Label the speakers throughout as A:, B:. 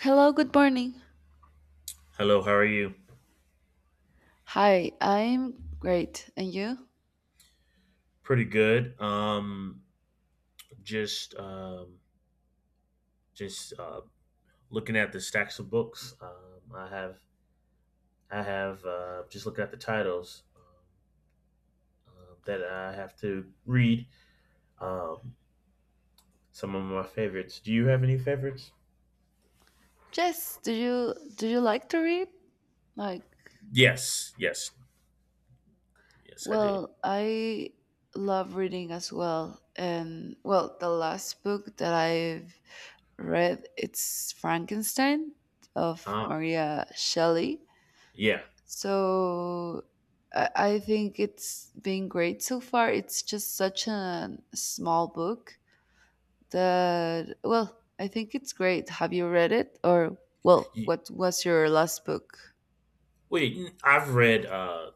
A: Hello, good morning.
B: Hello, how are you?
A: Hi, I'm great. And you?
B: Pretty good. Just um, just Looking at the stacks of books. I have just looking at the titles that I have to read. Um, some of my favorites. Do you have any favorites?
A: Yes, do you like to read? Like,
B: Yes, yes, yes, I do.
A: well, I love reading as well. And well, the last book that I've read it's Frankenstein of
B: Ah,
A: Maria Shelley.
B: yeah.
A: So I think it's been great so far. It's just such a small book that, well, I think it's great. Have you read it? Or well, what was your last book?
B: I've read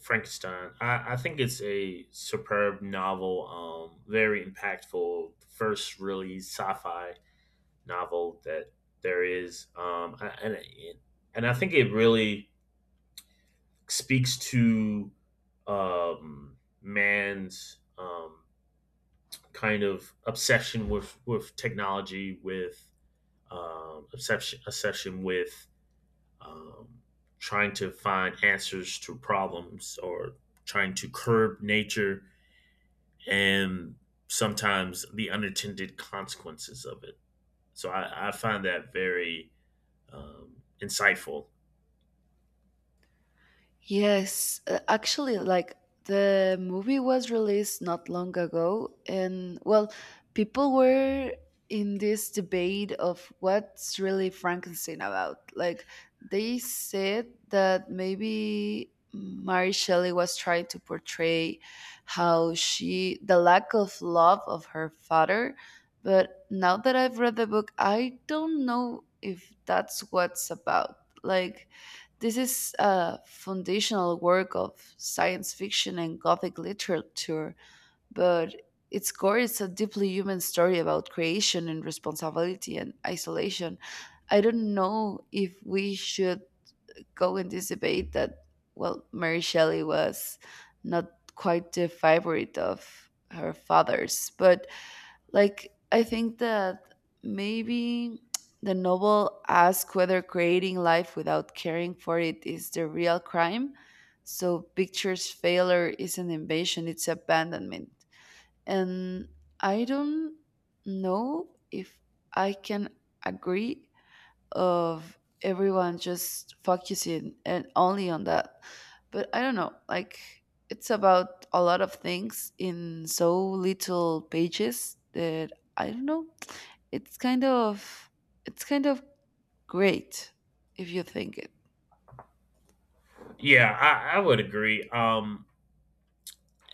B: Frankenstein. I think it's a superb novel, very impactful. First, really sci-fi novel that there is, and I think it really speaks to man's kind of obsession with technology, with obsession with um, trying to find answers to problems or trying to curb nature and sometimes the unintended consequences of it. So I find that very insightful.
A: Yes, actually, like the movie was released not long ago, and well, people were in this debate of what's really Frankenstein about. Like, they said that maybe Mary Shelley was trying to portray how she, the lack of love of her father. But now that I've read the book, I don't know if that's what's about. Like, this is a foundational work of science fiction and gothic literature, but its core is a deeply human story about creation and responsibility and isolation. I don't know if we should go in this debate that, well, Mary Shelley was not quite the favorite of her fathers, but like, I think that maybe the novel asks whether creating life without caring for it is the real crime. So, pictures failure is an invasion, it's abandonment. And I don't know if I can agree of everyone just focusing and only on that. But I don't know, like it's about a lot of things in so little pages that I don't know. It's kind of great if you think it.
B: Yeah, I would agree.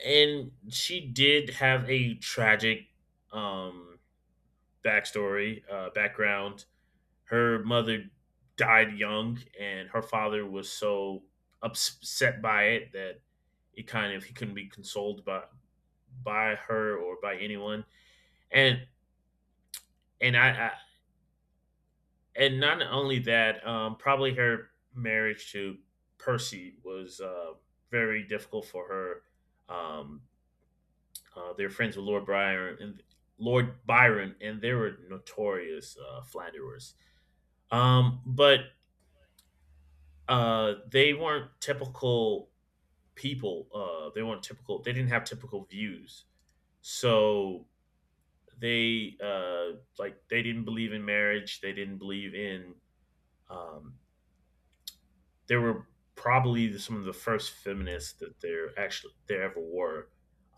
B: And she did have a tragic um, backstory, background her mother died young, and her father was so upset by it that it kind of he couldn't be consoled by her or by anyone. And and I and not only that, probably her marriage to Percy was very difficult for her. They were friends with Lord Byron, and they were notorious flatterers. But they weren't typical people. They weren't typical. They didn't have typical views. So they like they didn't believe in marriage. They didn't believe in. Um, there were some of the first feminists that there actually there ever were,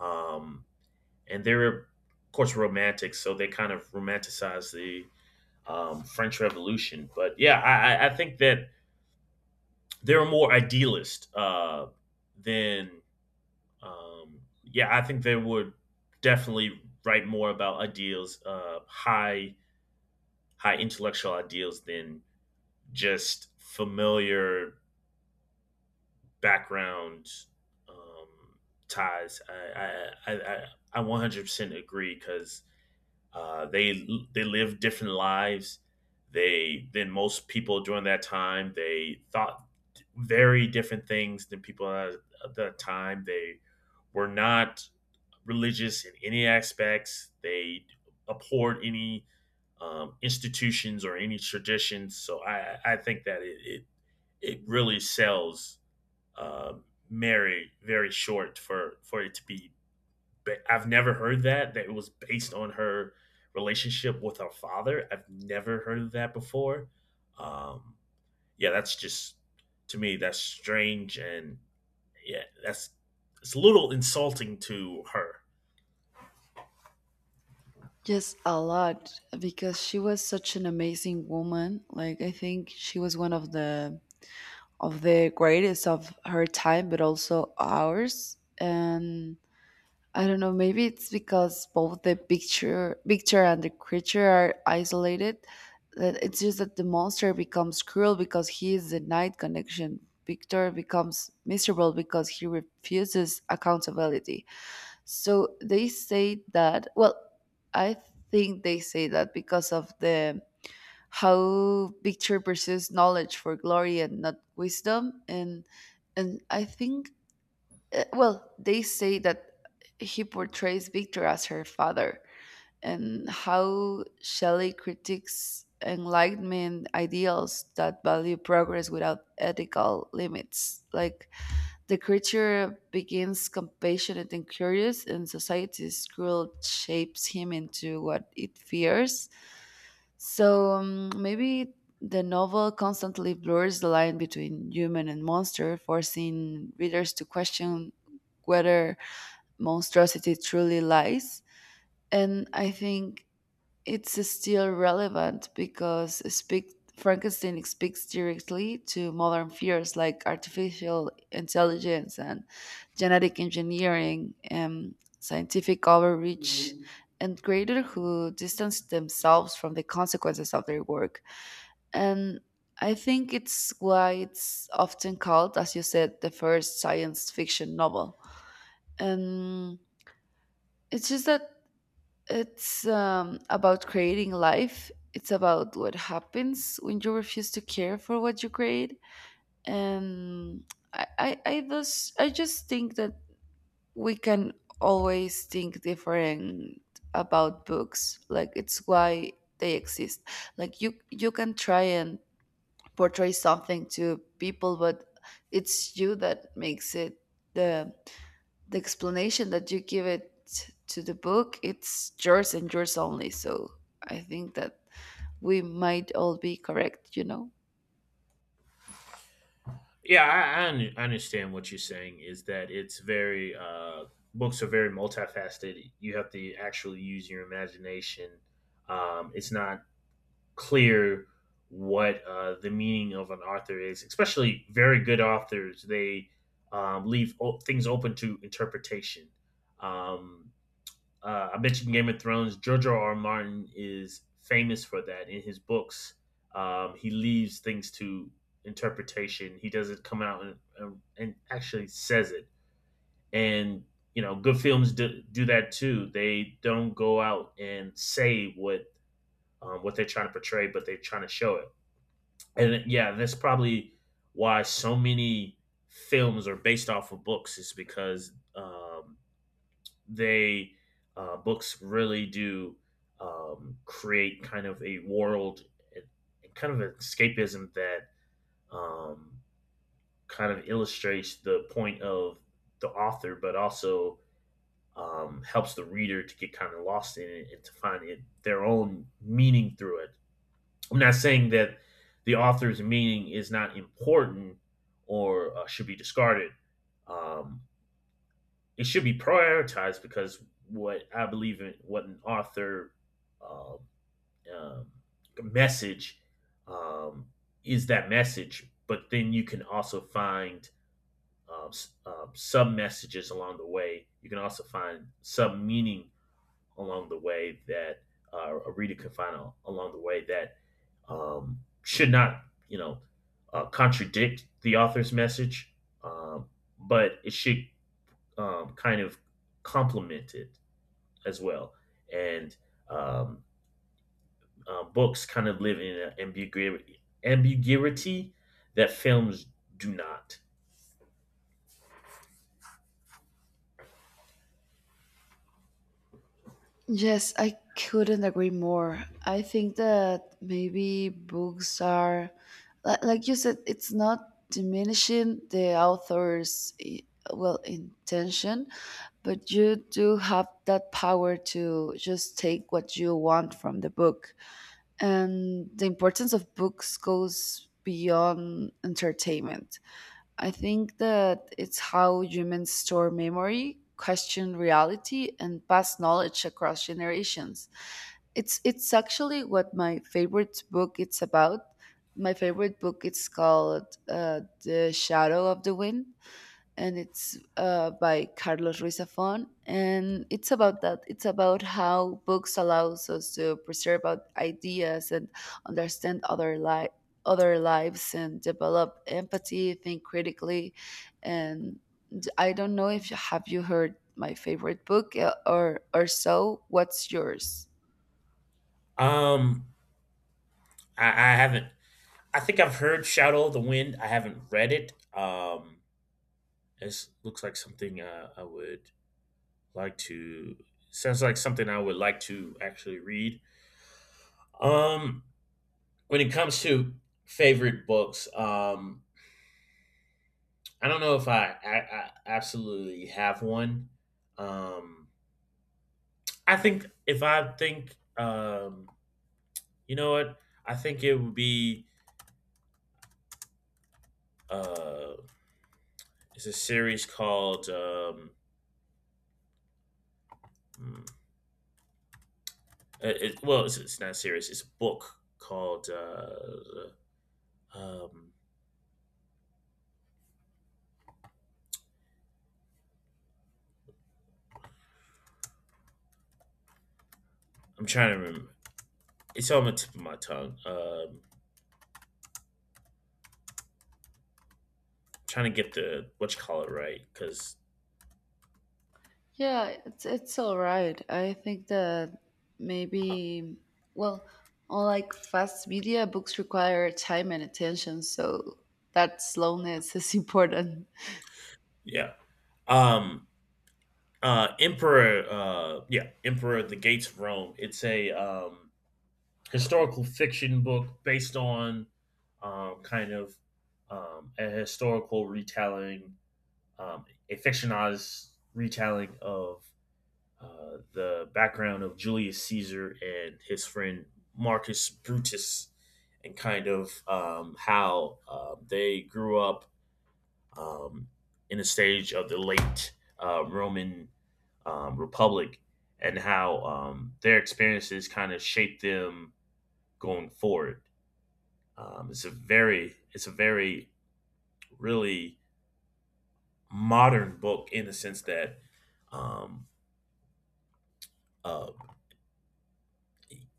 B: um, and they were of course romantic. So they kind of romanticized the French Revolution. But yeah, I think that they're more idealist than yeah, I think they would definitely write more about ideals, uh, high intellectual ideals than just familiar background um, ties. I 100% agree because uh, they they lived different lives. They than most people during that time. They thought very different things than people at the time. They were not religious in any aspects. They abhorred any institutions or any traditions. So I think that it really sells uh, Mary very short for it to be. But I've never heard that it was based on her relationship with her father. I've never heard of that before. Um, yeah, that's just, to me, that's strange. And yeah, that's, it's a little insulting to her.
A: Just a lot because she was such an amazing woman. Like I think she was one of the greatest of her time but also ours. And I don't know, maybe it's because both the picture and the creature are isolated. That it's just that the monster becomes cruel because he is the night connection. Victor becomes miserable because he refuses accountability. So they say that, well, I think they say that because of the how Victor pursues knowledge for glory and not wisdom. And I think, well, they say that he portrays Victor as her father, and how Shelley critiques Enlightenment ideals that value progress without ethical limits. Like the creature begins compassionate and curious, and society's cruel shapes him into what it fears. So, maybe the novel constantly blurs the line between human and monster, forcing readers to question whether monstrosity truly lies. And I think it's still relevant because speak, Frankenstein speaks directly to modern fears like artificial intelligence and genetic engineering and scientific overreach. Mhm. And creators who distance themselves from the consequences of their work. And I think it's why it's often called, as you said, the first science fiction novel. And it's just that it's about creating life. It's about what happens when you refuse to care for what you create. And I just think that we can always think different about books. Like it's why they exist. Like you can try and portray something to people, but it's you that makes it the the explanation that you give it to the book, it's yours and yours only. So I think that we might all be correct, you know?
B: Yeah, I understand what you're saying is that it's very books are very multifaceted. You have to actually use your imagination. It's not clear what the meaning of an author is, especially very good authors. They things open to interpretation. Um, I mentioned Game of Thrones. George R. R. Martin is famous for that in his books. He leaves things to interpretation. He doesn't come out and actually says it. And you know, good films do that too. They don't go out and say what they're trying to portray, but they're trying to show it. And yeah, that's probably why so many films are based off of books is because they books really do create kind of a world and kind of an escapism that um, kind of illustrates the point of the author, but also helps the reader to get kind of lost in it and to find it, their own meaning through it. I'm not saying that the author's meaning is not important or should be discarded. Um, it should be prioritized because what I believe in, what an author uh, um, message um, is that message, but then you can also find uh, sub messages along the way. You can also find sub meaning along the way that a reader can find along the way that should not, you know, contradict the author's message, um, but it should kind of complemented as well. And um, Books kind of live in an ambiguity that films do not.
A: Yes, I couldn't agree more. I think that maybe books are like you said, it's not diminishing the author's well, intention, but you do have that power to just take what you want from the book. And the importance of books goes beyond entertainment. I think that it's how humans store memory, question reality, and pass knowledge across generations. It's actually what my favorite book it's about. My favorite book it's called The Shadow of the Wind, and it's by Carlos Ruiz Zafón. And it's about that. It's about how books allows us to preserve our ideas and understand other other lives and develop empathy, think critically. And I don't know if you, have you heard my favorite book or so. What's yours?
B: Um, I haven't. I think I've heard Shadow of the Wind. I haven't read it. It looks like something I would like to. Sounds like something I would like to actually read. Um, when it comes to favorite books, I don't know if I absolutely have one. Um, I think if I think, you know what? I think it would be uh, it's a series called mm, it's not a series. It's a book called um, I'm trying to remember. It's on the tip of my tongue. Trying to get the what you call it right because
A: Yeah, it's all right. I think that maybe, well, on like fast media, books require time and attention, so that slowness is important.
B: yeah. Um, emperor yeah, Emperor of the Gates of Rome. It's a historical fiction book based on um kind of a historical retelling um a fictionalized retelling of the background of Julius Caesar and his friend Marcus Brutus and kind of how they grew up um in a stage of the late Roman Republic and how their experiences kind of shape them going forward. It's a very really modern book in the sense that um, uh,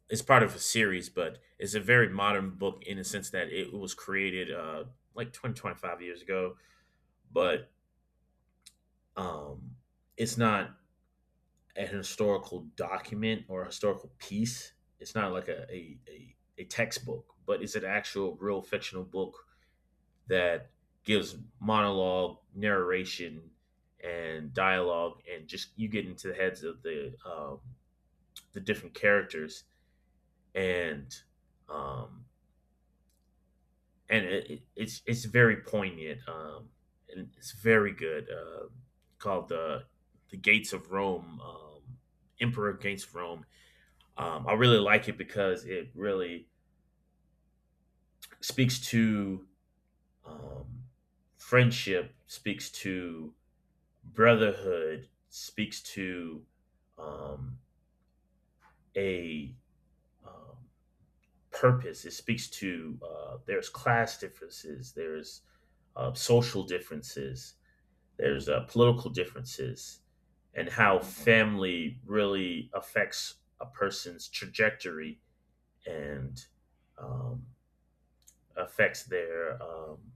B: it's part of a series, but it's a very modern book in the sense that it was created like 20-25 years ago, but um, it's not a historical document or a historical piece. It's not like a textbook, but it's an actual real fictional book that gives monologue, narration, and dialogue, and just you get into the heads of the different characters, and um, it's it's very poignant, and it's very good. Called the Gates of Rome, Emperor Against Rome. I really like it because it really speaks to um, friendship, speaks to brotherhood, speaks to um, a um, purpose. It speaks to there's class differences, there's social differences, there's political differences, and how family really affects a person's trajectory and um, affects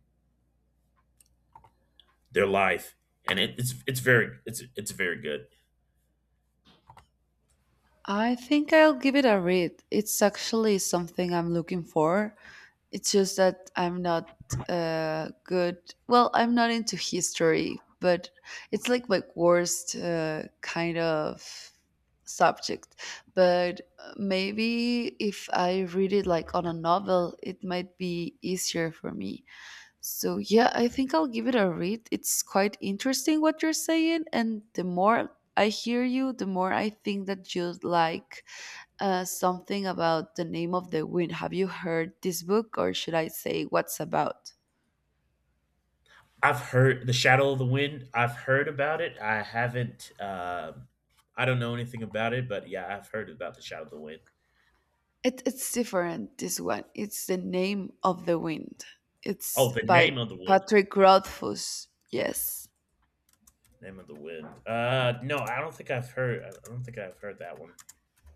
B: their life, and it's it's very good.
A: I think I'll give it a read. It's actually something I'm looking for. It's just that I'm not good. Well, I'm not into history, but it's like my worst kind of subject. But maybe if I read it like on a novel, it might be easier for me. So yeah, I think I'll give it a read. It's quite interesting what you're saying, and the more I hear you, the more I think that you like something about The Name of the Wind. Have you heard this book, or should I say what's about?
B: I've heard the Shadow of the Wind. I've heard about it. I haven't. I don't know anything about it, but yeah, I've heard about the Shadow of the Wind.
A: It's different. This one. It's The Name of the Wind.
B: Oh,
A: It's
B: the
A: by
B: name of the wind.
A: Patrick Rothfuss. Yes.
B: Name of the wind. No, I don't think I've heard that one.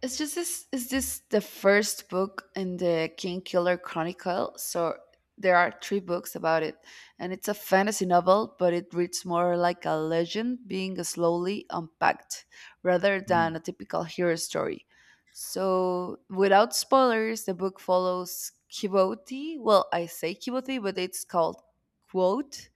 A: It's just this is this the first book in the King Killer Chronicle. So there are three books about it. And it's a fantasy novel, but it reads more like a legend being slowly unpacked rather than
B: Mm,
A: a typical hero story. So without spoilers, the book follows Kiboti. Well, I say Kiboti, but it's called Quote,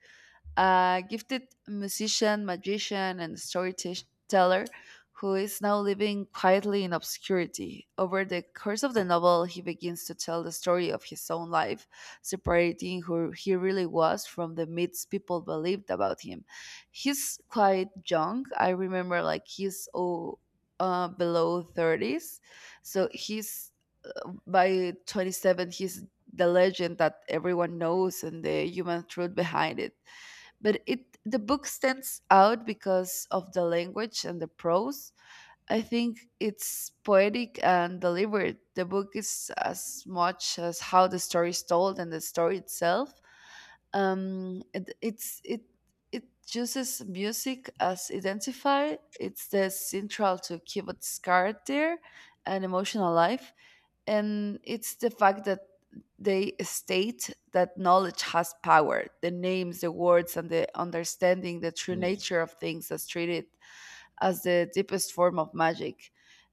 A: a gifted musician, magician, and storyteller who is now living quietly in obscurity. Over the course of the novel, he begins to tell the story of his own life, separating who he really was from the myths people believed about him. He's quite young. I remember, like, he's oh, below 30s. So he's by 27, he's the legend that everyone knows and the human truth behind it. But it, the book stands out because of the language and the prose. I think it's poetic and deliberate. The book is as much as how the story is told and the story itself. It it uses music as identifier. It's the central to kibbutz character and emotional life. And it's the fact that they state that knowledge has power. The names, the words, and the understanding the true
B: mm,
A: nature of things is treated as the deepest form of magic.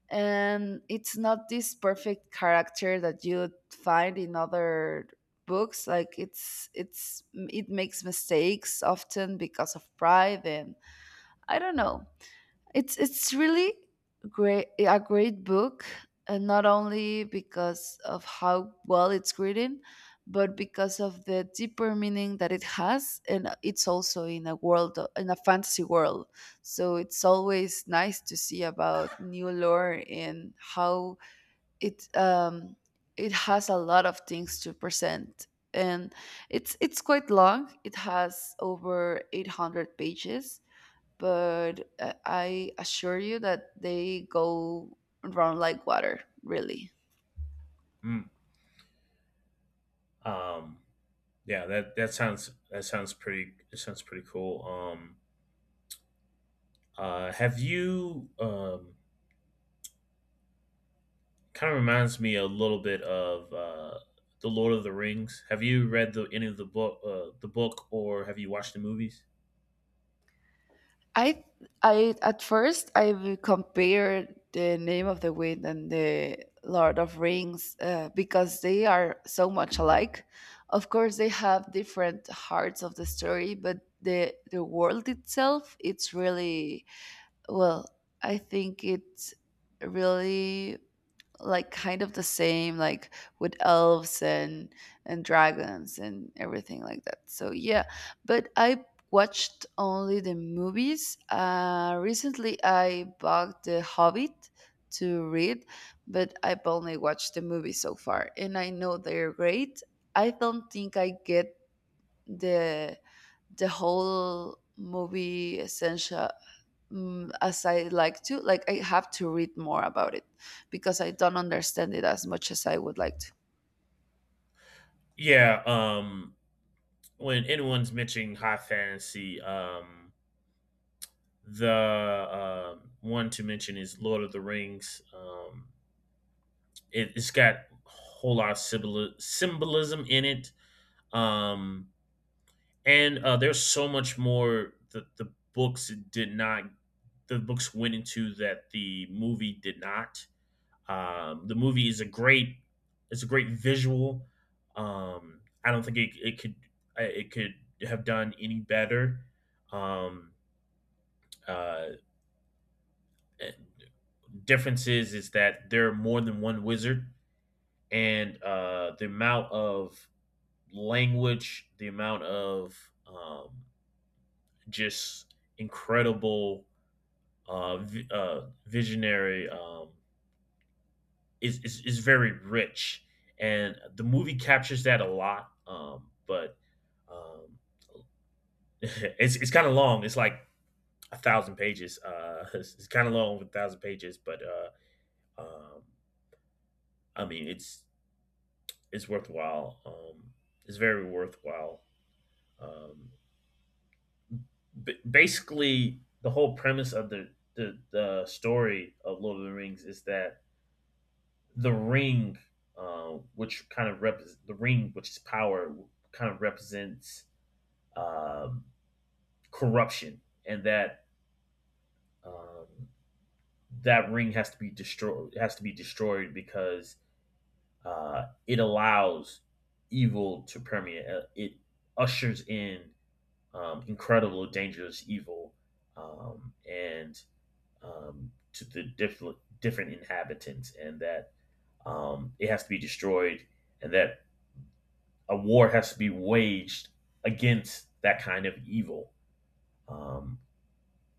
A: And it's not this perfect character that you'd find in other books. Like it's it makes mistakes often because of pride and I don't know. It's really great, a great book, and not only because of how well it's written, but because of the deeper meaning that it has, and it's also in a world in a fantasy world. So it's always nice to see about new lore and how it it has a lot of things to present. And it's quite long, it has over 800 pages, but I assure you that they go run like water, really.
B: mm. Um, yeah, that that sounds pretty. It sounds pretty cool. Have you Kind of reminds me a little bit of the Lord of the Rings. Have you read the any of the book, or have you watched the movies?
A: I I at first I compared The Name of the Wind and the Lord of Rings, because they are so much alike. Of course, they have different hearts of the story, but the world itself, it's really well. I think it's really like kind of the same, like with elves and dragons and everything like that. So yeah, but I watched only the movies. Recently I bought The Hobbit to read, but I've only watched the movies so far, and I know they're great. I don't think I get the the whole movie essential mm, as I like to. Like I have to read more about it because I don't understand it as much as I would like to.
B: Yeah. When anyone's mentioning high fantasy, the one to mention is Lord of the Rings. It's got a whole lot of symbolism in it, um, and there's so much more that the books did not. The books went into that the movie did not. The movie is a great it's a great visual. I don't think it could have done any better. Um, uh, Difference is that there are more than one wizard, and the amount of language, the amount of just incredible visionary is very rich, and the movie captures that a lot. But um, it's kind of long. It's like 1,000 pages. It's kind of long with 1,000 pages, but um, I mean, it's worthwhile. It's very worthwhile. Um, basically, the whole premise of the, the story of Lord of the Rings is that the ring, which kind of rep the ring, which is power, kind of represents um, corruption, and that um, that ring has to be destroyed. Has to be destroyed because it allows evil to permeate. It ushers in incredible, dangerous evil, and to the different inhabitants, and that it has to be destroyed, and that a war has to be waged against that kind of evil. Um,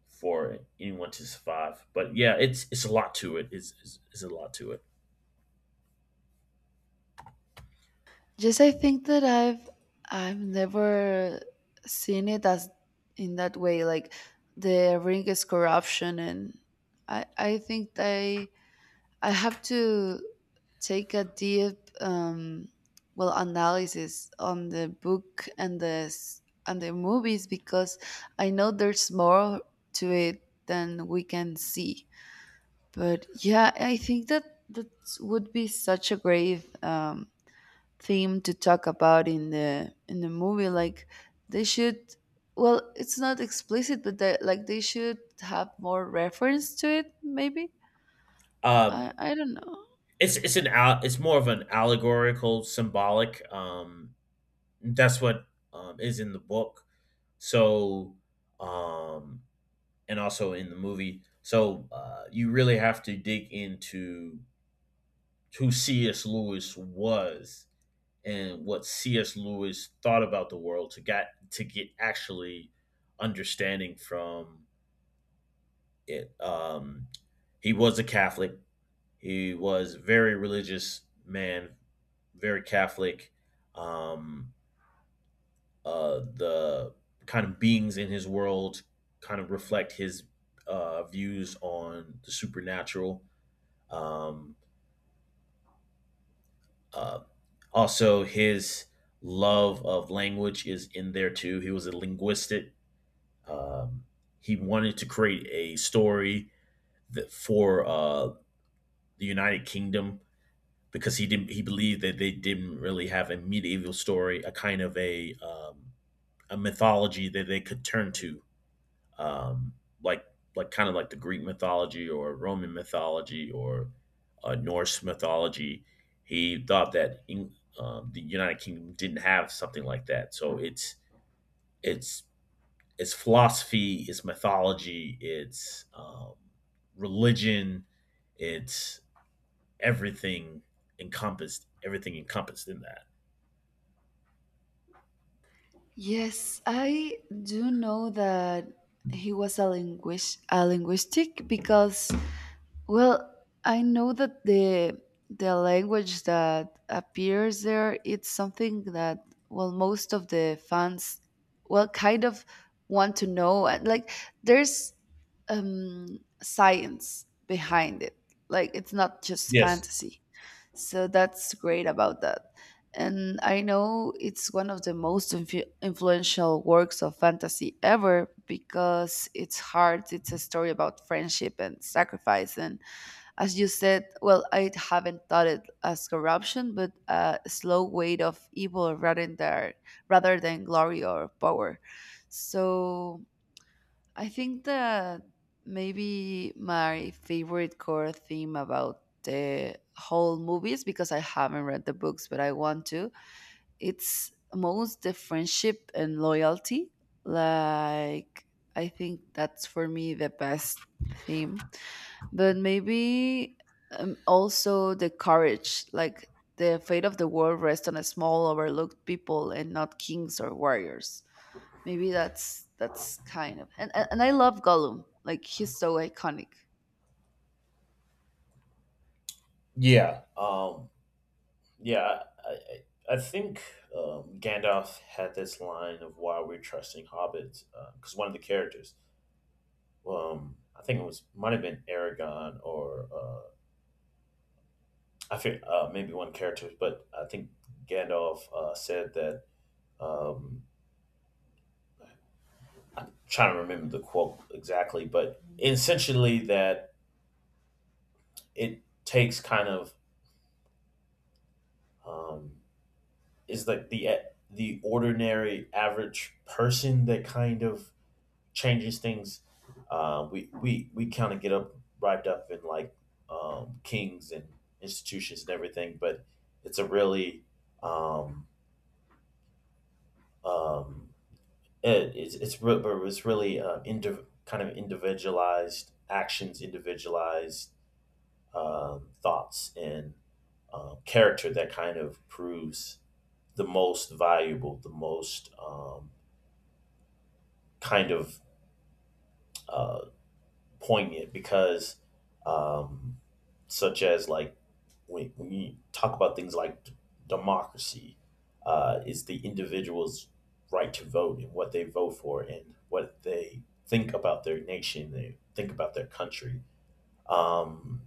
B: for anyone to survive. But yeah, it's a lot to it. It's a lot to it.
A: Yes, I think that I've never seen it as in that way. Like the ring is corruption, and I think I have to take a deep well, analysis on the book and the and the movies, because I know there's more to it than we can see. But yeah, I think that that would be such a great theme to talk about in the movie. Like they should, well, it's not explicit, but they, like they should have more reference to it. Maybe
B: Um,
A: I don't know.
B: it's more of an allegorical, symbolic. That's what is in the book. So um, and also in the movie. So you really have to dig into who C.S. Lewis was and what C.S. Lewis thought about the world to get actually understanding from it. He was a Catholic. He was a very religious man, very Catholic. um the kind of beings in his world kind of reflect his views on the supernatural. um uh Also his love of language is in there too. He was a linguistic. um he wanted to create a story that for the United Kingdom, because he believed that they didn't really have a medieval story, a kind of a mythology that they could turn to, um, like like the Greek mythology or Roman mythology or Norse mythology. He thought that the United Kingdom didn't have something like that, so it's it's philosophy, it's mythology, it's religion, it's everything everything encompassed in that.
A: Yes, I do know that he was a linguist, a linguistic, because, well, I know that the language that appears there it's something that, well, most of the fans, well, kind of want to know. And like there's um science behind it. Like it's not just
B: Yes.
A: fantasy. So that's great about that. And I know it's one of the most infu influential works of fantasy ever because it's hard. It's a story about friendship and sacrifice, and as you said, well, I haven't thought it as corruption, but a slow weight of evil rather than glory or power. So I think that maybe my favorite core theme about the whole movies, because I haven't read the books, but I want to. It's most the friendship and loyalty. Like I think that's for me the best theme, but maybe also the courage, like the fate of the world rests on a small overlooked people and not kings or warriors. Maybe that's kind of and I love Gollum, like he's so iconic.
B: Yeah. Yeah, I think Gandalf had this line of why we're trusting hobbits, because one of the characters, I think it was, might have been Aragon, or I think maybe one character, but I think Gandalf said that. Um, Trying to remember the quote exactly, but essentially that it takes kind of um, is like the ordinary average person that kind of changes things. We kind of get up wrapped up in like kings and institutions and everything, but it's a really um, um, it, it's re- but it's really kind of individualized actions, individualized thoughts and character that kind of proves the most valuable, the most kind of uh, poignant. Because um, such as like when you talk about things like democracy, is the individual's right to vote, and what they vote for, and what they think about their nation, they think about their country. Um,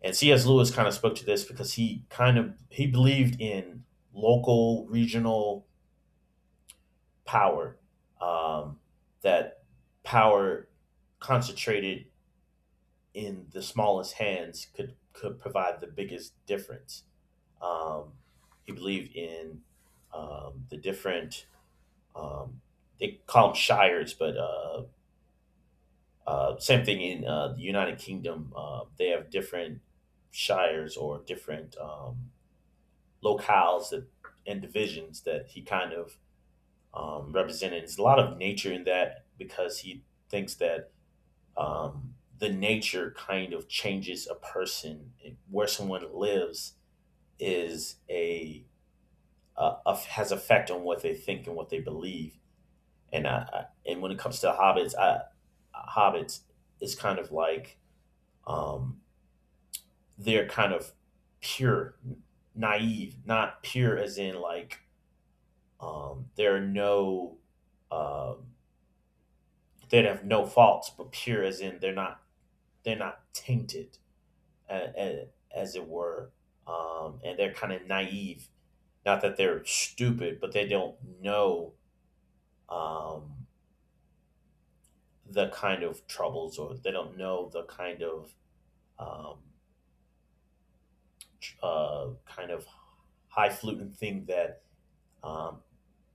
B: and C.S. Lewis kind of spoke to this because he kind of he believed in local, regional power. Um, that power concentrated in the smallest hands could provide the biggest difference. um, he believed in the different um, they call them shires, but same thing in the United Kingdom. They have different shires or different locales, that, and divisions, that he kind of represented. There's a lot of nature in that because he thinks that the nature kind of changes a person. Where someone lives is a has effect on what they think and what they believe. And I and when it comes to hobbits, hobbits is kind of like um, they're kind of pure, naive. Not pure as in like there are no um, they have no faults, but pure as in they're not, they're not tainted, as it were, and they're kind of naive. Not that they're stupid, but they don't know um, the kind of troubles, or they don't know the kind of um, kind of high fluting thing that um,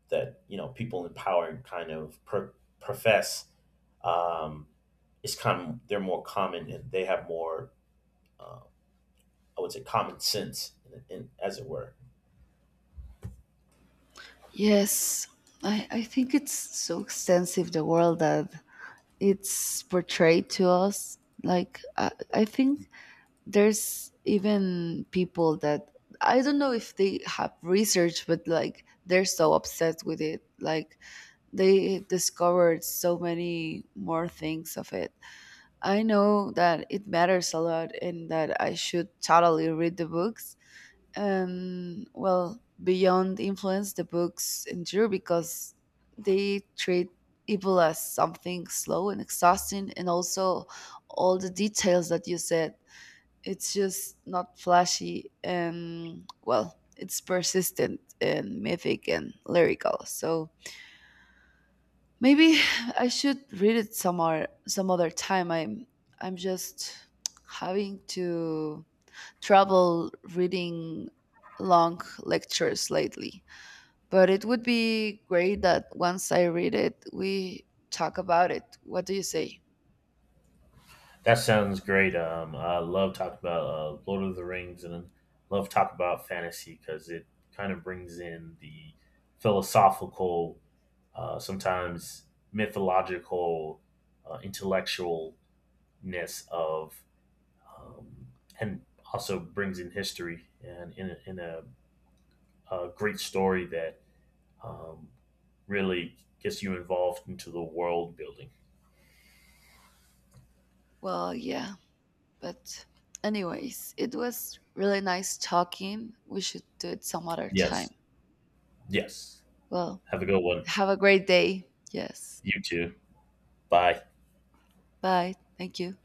B: that you know people in power kind of profess um, is common. They're more common, and they have more, I would say, common sense, as it were.
A: Yes, I think it's so extensive the world that it's portrayed to us. Like I think there's even people that I don't know if they have research, but like they're so obsessed with it. Like they discovered so many more things of it. I know that it matters a lot and that I should totally read the books. And well, beyond influence, the books endure because they treat evil as something slow and exhausting, and also all the details that you said it's just not flashy and, well, it's persistent and mythic and lyrical. So maybe I should read it some or some other time. I'm just having to trouble reading long lectures lately. But it would be great that once I read it, we talk about it. What do you say?
B: That sounds great. I love talking about Lord of the Rings, and love talking about fantasy, because it kind of brings in the philosophical, sometimes mythological, intellectualness of, um, and also brings in history, and in a great story that um, really gets you involved into the world building.
A: Well, yeah. But, anyways, it was really nice talking. We should do it some other
B: Yes.
A: time.
B: Yes.
A: Well,
B: Have a good one.
A: have a great day. Yes.
B: You too. Bye.
A: Bye. Thank you.